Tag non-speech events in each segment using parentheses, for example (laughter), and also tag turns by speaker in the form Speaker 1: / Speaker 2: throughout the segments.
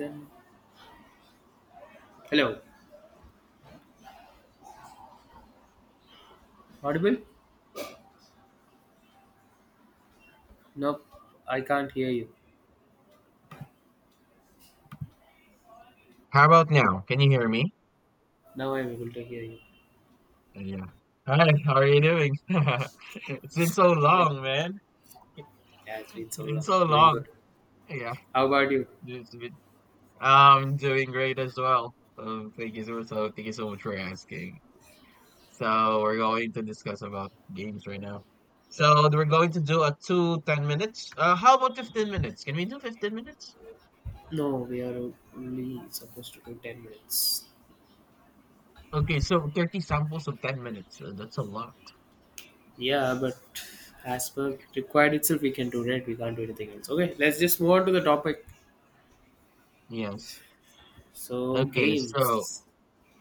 Speaker 1: Then. Hello. Audible? Nope, I can't hear you.
Speaker 2: How about now? Can you hear me?
Speaker 1: Now I'm able to hear you.
Speaker 2: Yeah. Hi, how are you doing? (laughs) It's been so
Speaker 1: Fine.
Speaker 2: long, man.
Speaker 1: Yeah, it's
Speaker 2: It's
Speaker 1: been so
Speaker 2: been
Speaker 1: long.
Speaker 2: so
Speaker 1: Doing
Speaker 2: long.
Speaker 1: good.
Speaker 2: Yeah,
Speaker 1: How about you?
Speaker 2: it's been, I'm doing great as well. Thank you so much. So thank you so much for asking. So we're going to discuss about games right now. So we're going to do a 2 10 minutes. How about 15 minutes? Can we do 15 minutes?
Speaker 1: No, we are only supposed to do 10 minutes.
Speaker 2: Okay, so 30 samples of 10 minutes. That's a lot.
Speaker 1: Yeah, but as per required itself, we can do it. We can't do anything else. Okay, let's just move on to the topic.
Speaker 2: Yes.
Speaker 1: So,
Speaker 2: Okay, so
Speaker 1: games.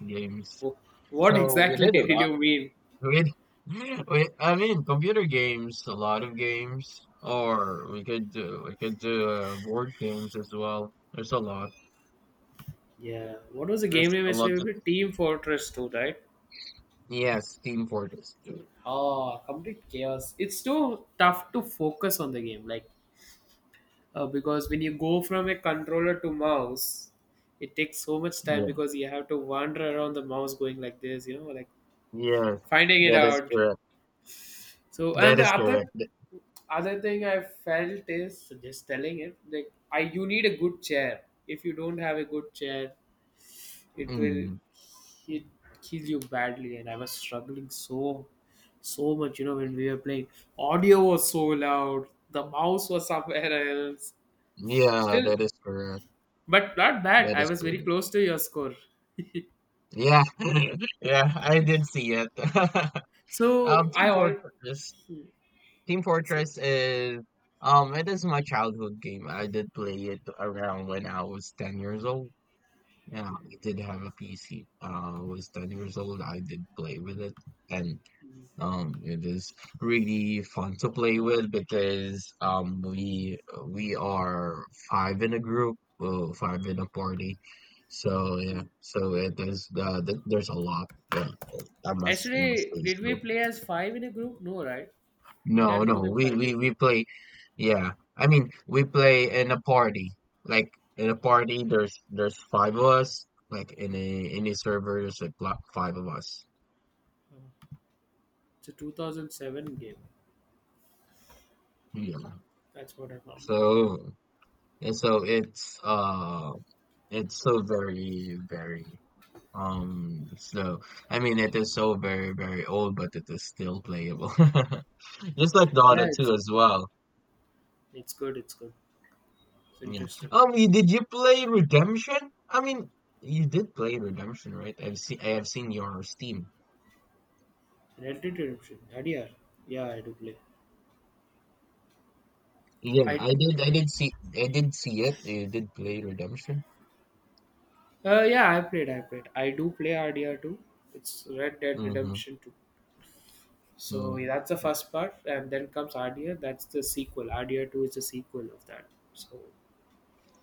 Speaker 2: games.
Speaker 1: Wh- What
Speaker 2: So we
Speaker 1: exactly (laughs)
Speaker 2: did a
Speaker 1: did
Speaker 2: lot.
Speaker 1: you mean?
Speaker 2: With (laughs) with I mean, computer games, a lot of games, or we could do board games as well. There's a lot.
Speaker 1: Yeah, what was the
Speaker 2: There's
Speaker 1: game name
Speaker 2: a lot
Speaker 1: yesterday?
Speaker 2: of
Speaker 1: We played Team Fortress 2, right?
Speaker 2: yes, Team Fortress too.
Speaker 1: Oh, complete chaos. It's so tough to focus on the game. Like, because when you go from a controller to mouse, it takes so much time
Speaker 2: Yeah.
Speaker 1: because you have to wander around the mouse going like this, like
Speaker 2: Yes,
Speaker 1: finding it
Speaker 2: that is
Speaker 1: out.
Speaker 2: correct.
Speaker 1: So,
Speaker 2: That
Speaker 1: and the
Speaker 2: is
Speaker 1: other
Speaker 2: correct.
Speaker 1: other thing I felt is, so just telling it, like, I, you need a good chair. If you don't have a good chair, it will
Speaker 2: Mm.
Speaker 1: it kill you badly. And I was struggling so much, when we were playing, audio was so loud, the mouse was somewhere else,
Speaker 2: Yeah,
Speaker 1: still
Speaker 2: that is correct.
Speaker 1: but not bad.
Speaker 2: That
Speaker 1: I
Speaker 2: is
Speaker 1: was very
Speaker 2: correct.
Speaker 1: close to your score. (laughs)
Speaker 2: Yeah, (laughs) yeah, I did see it. (laughs)
Speaker 1: so I
Speaker 2: Team
Speaker 1: all
Speaker 2: Fortress. Team
Speaker 1: so,
Speaker 2: Fortress is um it is my childhood game. I did play it around when I was 10 years old. Yeah, I did have a PC. I was 10 years old. I did play with it and it is really fun to play with because we are five in a group, five in a party. So yeah, so it is there's a lot. Yeah, I must
Speaker 1: yesterday
Speaker 2: say
Speaker 1: did we
Speaker 2: so.
Speaker 1: play as five in a group? No, right? We
Speaker 2: No,
Speaker 1: had more
Speaker 2: no,
Speaker 1: than
Speaker 2: we
Speaker 1: five
Speaker 2: we
Speaker 1: people.
Speaker 2: we play. Yeah, I mean, we play in a party. Like in a party, there's five of us. Like in a server, there's like five of us.
Speaker 1: It's a 2007 game.
Speaker 2: Yeah.
Speaker 1: That's what I found out.
Speaker 2: So so it's so very very so I mean it is so very very old, but it is still playable. (laughs) Just like Dota
Speaker 1: Yeah, it's
Speaker 2: 2 as well.
Speaker 1: it's good. It's good. It's
Speaker 2: Yeah.
Speaker 1: interesting.
Speaker 2: Did you play Redemption? I mean, you did play Redemption, right? I have seen your Steam.
Speaker 1: Red Dead Redemption. RDR. Yeah, I do play.
Speaker 2: Yeah,
Speaker 1: I
Speaker 2: I did see it. You did play Redemption.
Speaker 1: yeah, I played. I do play RDR too. It's Red Dead
Speaker 2: Mm-hmm.
Speaker 1: Redemption two. So yeah,
Speaker 2: Mm-hmm.
Speaker 1: that's the first part, and then comes Ardia. That's the sequel. Ardia 2 is the sequel of that. So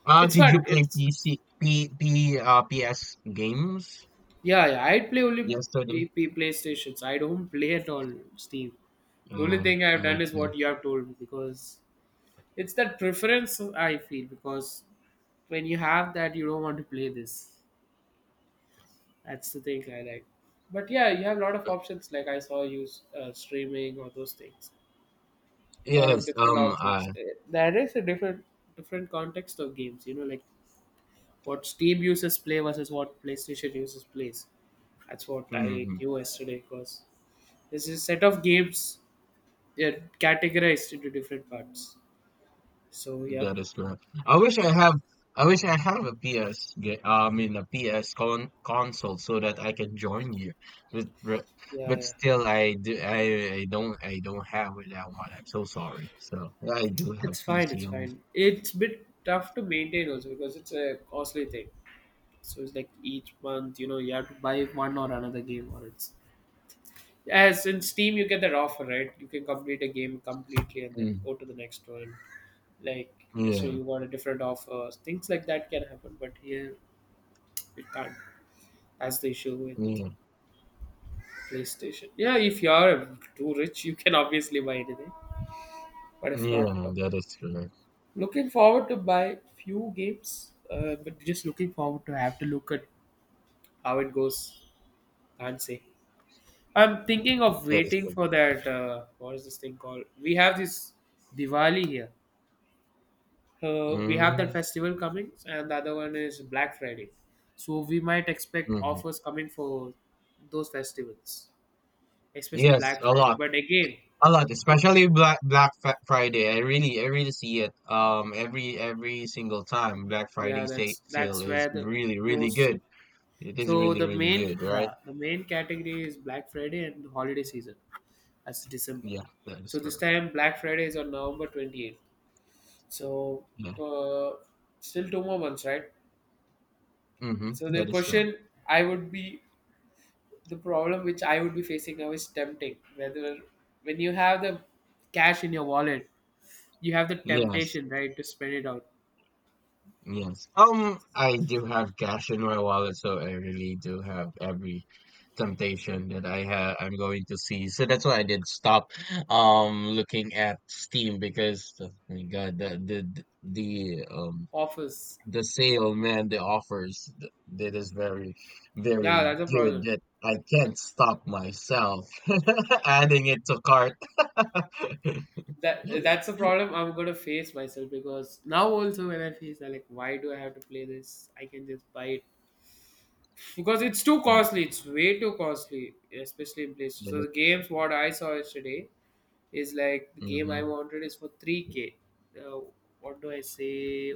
Speaker 1: it's
Speaker 2: Did
Speaker 1: fun.
Speaker 2: you play
Speaker 1: It's
Speaker 2: PC P, P uh, PS games
Speaker 1: Yeah, yeah. I play only
Speaker 2: yesterday?
Speaker 1: PlayStations. I don't play at all Steam. The only
Speaker 2: Uh,
Speaker 1: thing I've done is
Speaker 2: okay.
Speaker 1: what you have told me, because it's that preference I feel, because when you have that, you don't want to play this. That's the thing I like. But yeah, you have a lot of options. Like, I saw you, streaming or those things. Lot of
Speaker 2: Yes,
Speaker 1: different options. There is a different context of games, like what Steam users play versus what PlayStation users plays. That's what I
Speaker 2: mhm.
Speaker 1: knew yesterday, because there's a set of games, they're categorized into different parts. So yeah,
Speaker 2: That is correct. I wish I have a PS ga- uh, I mean a PS con console so that I can join you. But but
Speaker 1: yeah,
Speaker 2: but
Speaker 1: yeah.
Speaker 2: still I do I don't have that one. I'm so sorry. So yeah, I do have
Speaker 1: It's fine, it's
Speaker 2: PC only.
Speaker 1: fine. It's bit tough to maintain also because it's a costly thing. So it's like each month, you have to buy one or another game, or it's, as in Steam, you get that offer, right? You can complete a game completely and then
Speaker 2: Mm.
Speaker 1: go to the next one. Like, so
Speaker 2: Yeah.
Speaker 1: you got a different offer. Things like that can happen, but here it can't. That's the issue with
Speaker 2: Yeah.
Speaker 1: PlayStation. Yeah, if you are too rich, you can obviously buy anything. But if
Speaker 2: Yeah,
Speaker 1: not, no.
Speaker 2: that is correct.
Speaker 1: Looking forward to buy few games, but just looking forward to have to look at how it goes. Can't say. I'm thinking of
Speaker 2: That is
Speaker 1: waiting
Speaker 2: correct.
Speaker 1: for that. What is this thing called? We have this Diwali here. We have that
Speaker 2: Mm-hmm.
Speaker 1: festival coming, and the other one is Black Friday, so we might expect
Speaker 2: Mm-hmm.
Speaker 1: offers coming for those festivals, especially
Speaker 2: Yes,
Speaker 1: Black
Speaker 2: a
Speaker 1: Friday.
Speaker 2: lot.
Speaker 1: But again,
Speaker 2: A lot,
Speaker 1: it,
Speaker 2: especially Black Friday. I really see it every single time Black
Speaker 1: yeah,
Speaker 2: Friday sa
Speaker 1: that's
Speaker 2: sale
Speaker 1: that's
Speaker 2: is
Speaker 1: where the
Speaker 2: really really
Speaker 1: most
Speaker 2: good.
Speaker 1: cheap.
Speaker 2: It is
Speaker 1: So
Speaker 2: really
Speaker 1: the
Speaker 2: really
Speaker 1: main,
Speaker 2: good, right?
Speaker 1: yeah, the main category is Black Friday and holiday season, that's December.
Speaker 2: Yeah, that is
Speaker 1: So this
Speaker 2: correct.
Speaker 1: time Black Friday is on November 28th. So,
Speaker 2: Yeah.
Speaker 1: uh, still 2 more months, right? So
Speaker 2: Mm-hmm.
Speaker 1: the
Speaker 2: That is correct.
Speaker 1: question, I would be the problem which I would be facing now is tempting. Whether when you have the cash in your wallet, you have the
Speaker 2: Yes.
Speaker 1: temptation, right, to spend it out.
Speaker 2: Yes. I do have cash in my wallet, so I really do have every temptation that I have I'm going to see. So that's why I did stop looking at Steam because oh my God, the um
Speaker 1: Office.
Speaker 2: the sale, man, the offers, that is very,
Speaker 1: Yeah,
Speaker 2: very
Speaker 1: that's a
Speaker 2: good
Speaker 1: problem.
Speaker 2: that I can't stop myself (laughs) adding it to cart. (laughs)
Speaker 1: That's a problem I'm gonna face myself, because now also when I face that, like, why do I have to play this? I can just buy it. Because it's too
Speaker 2: Mm,
Speaker 1: costly, it's way too costly, especially in places.
Speaker 2: that
Speaker 1: So
Speaker 2: is-
Speaker 1: the games, what I saw yesterday, is like the game I
Speaker 2: mhm.
Speaker 1: wanted is for 3K. Uh, what do I say?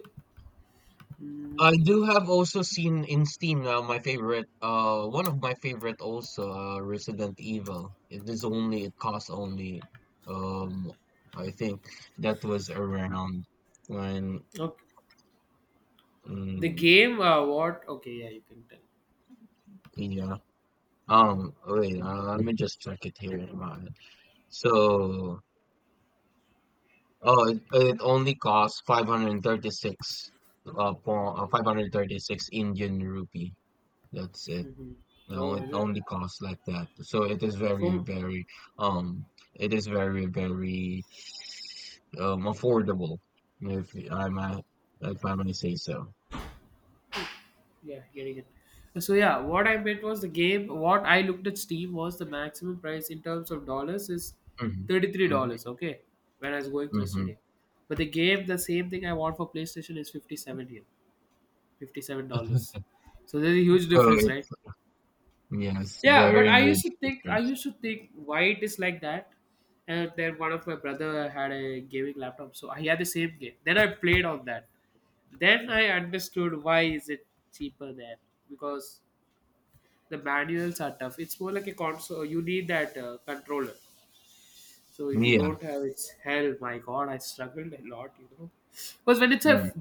Speaker 1: Mm,
Speaker 2: I do have also seen in Steam now my favorite, one of my favorite also, Resident Evil. It is only, it costs only, um, I think that was around when,
Speaker 1: okay. The
Speaker 2: mm,
Speaker 1: game, what? Okay, yeah, you can tell.
Speaker 2: yeah. Let me just check it here in my. So, oh, it only costs 536
Speaker 1: Okay.
Speaker 2: 536 Indian rupee. That's it.
Speaker 1: Mhm.
Speaker 2: No,
Speaker 1: Oh,
Speaker 2: it
Speaker 1: is it?
Speaker 2: only costs like that. So it is very,
Speaker 1: From
Speaker 2: very, um, it is very, very, affordable, if I might, if I may say so.
Speaker 1: Yeah, getting it. So yeah, what I meant was, the game, what I looked at Steam, was the maximum price in terms of dollars is thirty three
Speaker 2: Mm-hmm.
Speaker 1: dollars. Okay, when I was going through
Speaker 2: Mm-hmm.
Speaker 1: yesterday,
Speaker 2: (laughs)
Speaker 1: but the game, the same thing I want for PlayStation is 57 here, $57. So there's a huge
Speaker 2: So
Speaker 1: difference, right?
Speaker 2: it's, yes,
Speaker 1: Yeah, but
Speaker 2: very
Speaker 1: I used
Speaker 2: huge
Speaker 1: to think I
Speaker 2: difference.
Speaker 1: used to think why it is like that. And then one of my brother had a gaming laptop, so I had the same game. Then I played on that. Then I understood why is it cheaper there, because the manuals are tough. It's more like a console. You need that controller. So if you
Speaker 2: Yeah.
Speaker 1: don't have, its hell, my god, I struggled a lot. Because when it's a
Speaker 2: Mm-hmm.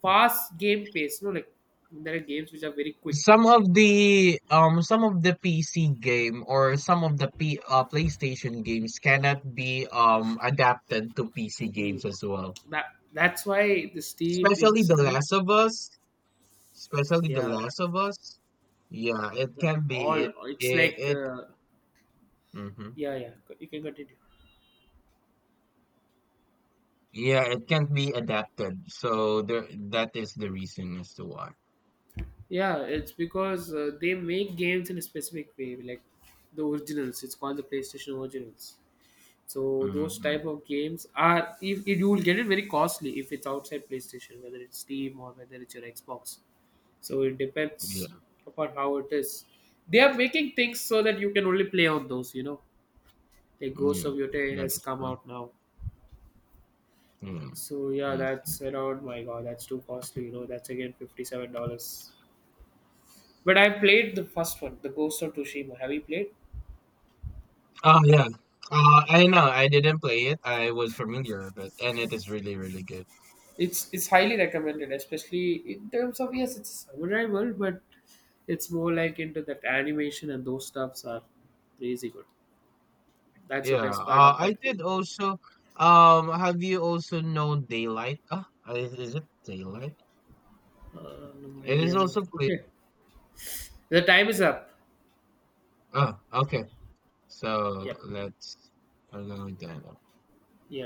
Speaker 1: fast game pace, like, there are games which are very quick.
Speaker 2: Some of the PC game or some of the P PlayStation games cannot be adapted to PC
Speaker 1: Hmm.
Speaker 2: games as well.
Speaker 1: That that's why the Steam
Speaker 2: Especially
Speaker 1: it's
Speaker 2: The
Speaker 1: Steam.
Speaker 2: Last of Us, especially The
Speaker 1: Yeah,
Speaker 2: Last of Us. Yeah, it can be
Speaker 1: all
Speaker 2: it
Speaker 1: it's
Speaker 2: it,
Speaker 1: like,
Speaker 2: it hmm
Speaker 1: yeah, yeah. You can continue.
Speaker 2: yeah, it can't be adapted. So there that is the reason as to why.
Speaker 1: Yeah, it's because, they make games in a specific way, like the originals. It's called the PlayStation originals. So those
Speaker 2: hmm
Speaker 1: type of games are, if you will get it very costly if it's outside PlayStation, whether it's Steam or whether it's your Xbox. So it
Speaker 2: Yeah,
Speaker 1: depends upon how it is. They are making things so that you can only play on those. Like Ghost
Speaker 2: yeah,
Speaker 1: of Yotei
Speaker 2: that
Speaker 1: has
Speaker 2: is
Speaker 1: come
Speaker 2: true.
Speaker 1: out now.
Speaker 2: Yeah,
Speaker 1: So yeah,
Speaker 2: I see.
Speaker 1: that's around, my god, that's too costly. That's again $57. But I played the first one, The Ghost of Tsushima. Have you played?
Speaker 2: Oh, yeah. I know. I didn't play it. I was familiar, but and it is really, really good.
Speaker 1: It's highly recommended, especially in terms of, yes, it's a samurai world, but it's more like into that animation and those stuffs are crazy good. That's the
Speaker 2: Yeah.
Speaker 1: best part of
Speaker 2: I
Speaker 1: that game.
Speaker 2: did also. Have you also known Daylight? Is it Daylight?
Speaker 1: No
Speaker 2: It is
Speaker 1: idea much.
Speaker 2: also played.
Speaker 1: Okay, the time is up.
Speaker 2: Oh, okay. So
Speaker 1: Yep.
Speaker 2: let's along with that.
Speaker 1: Yeah.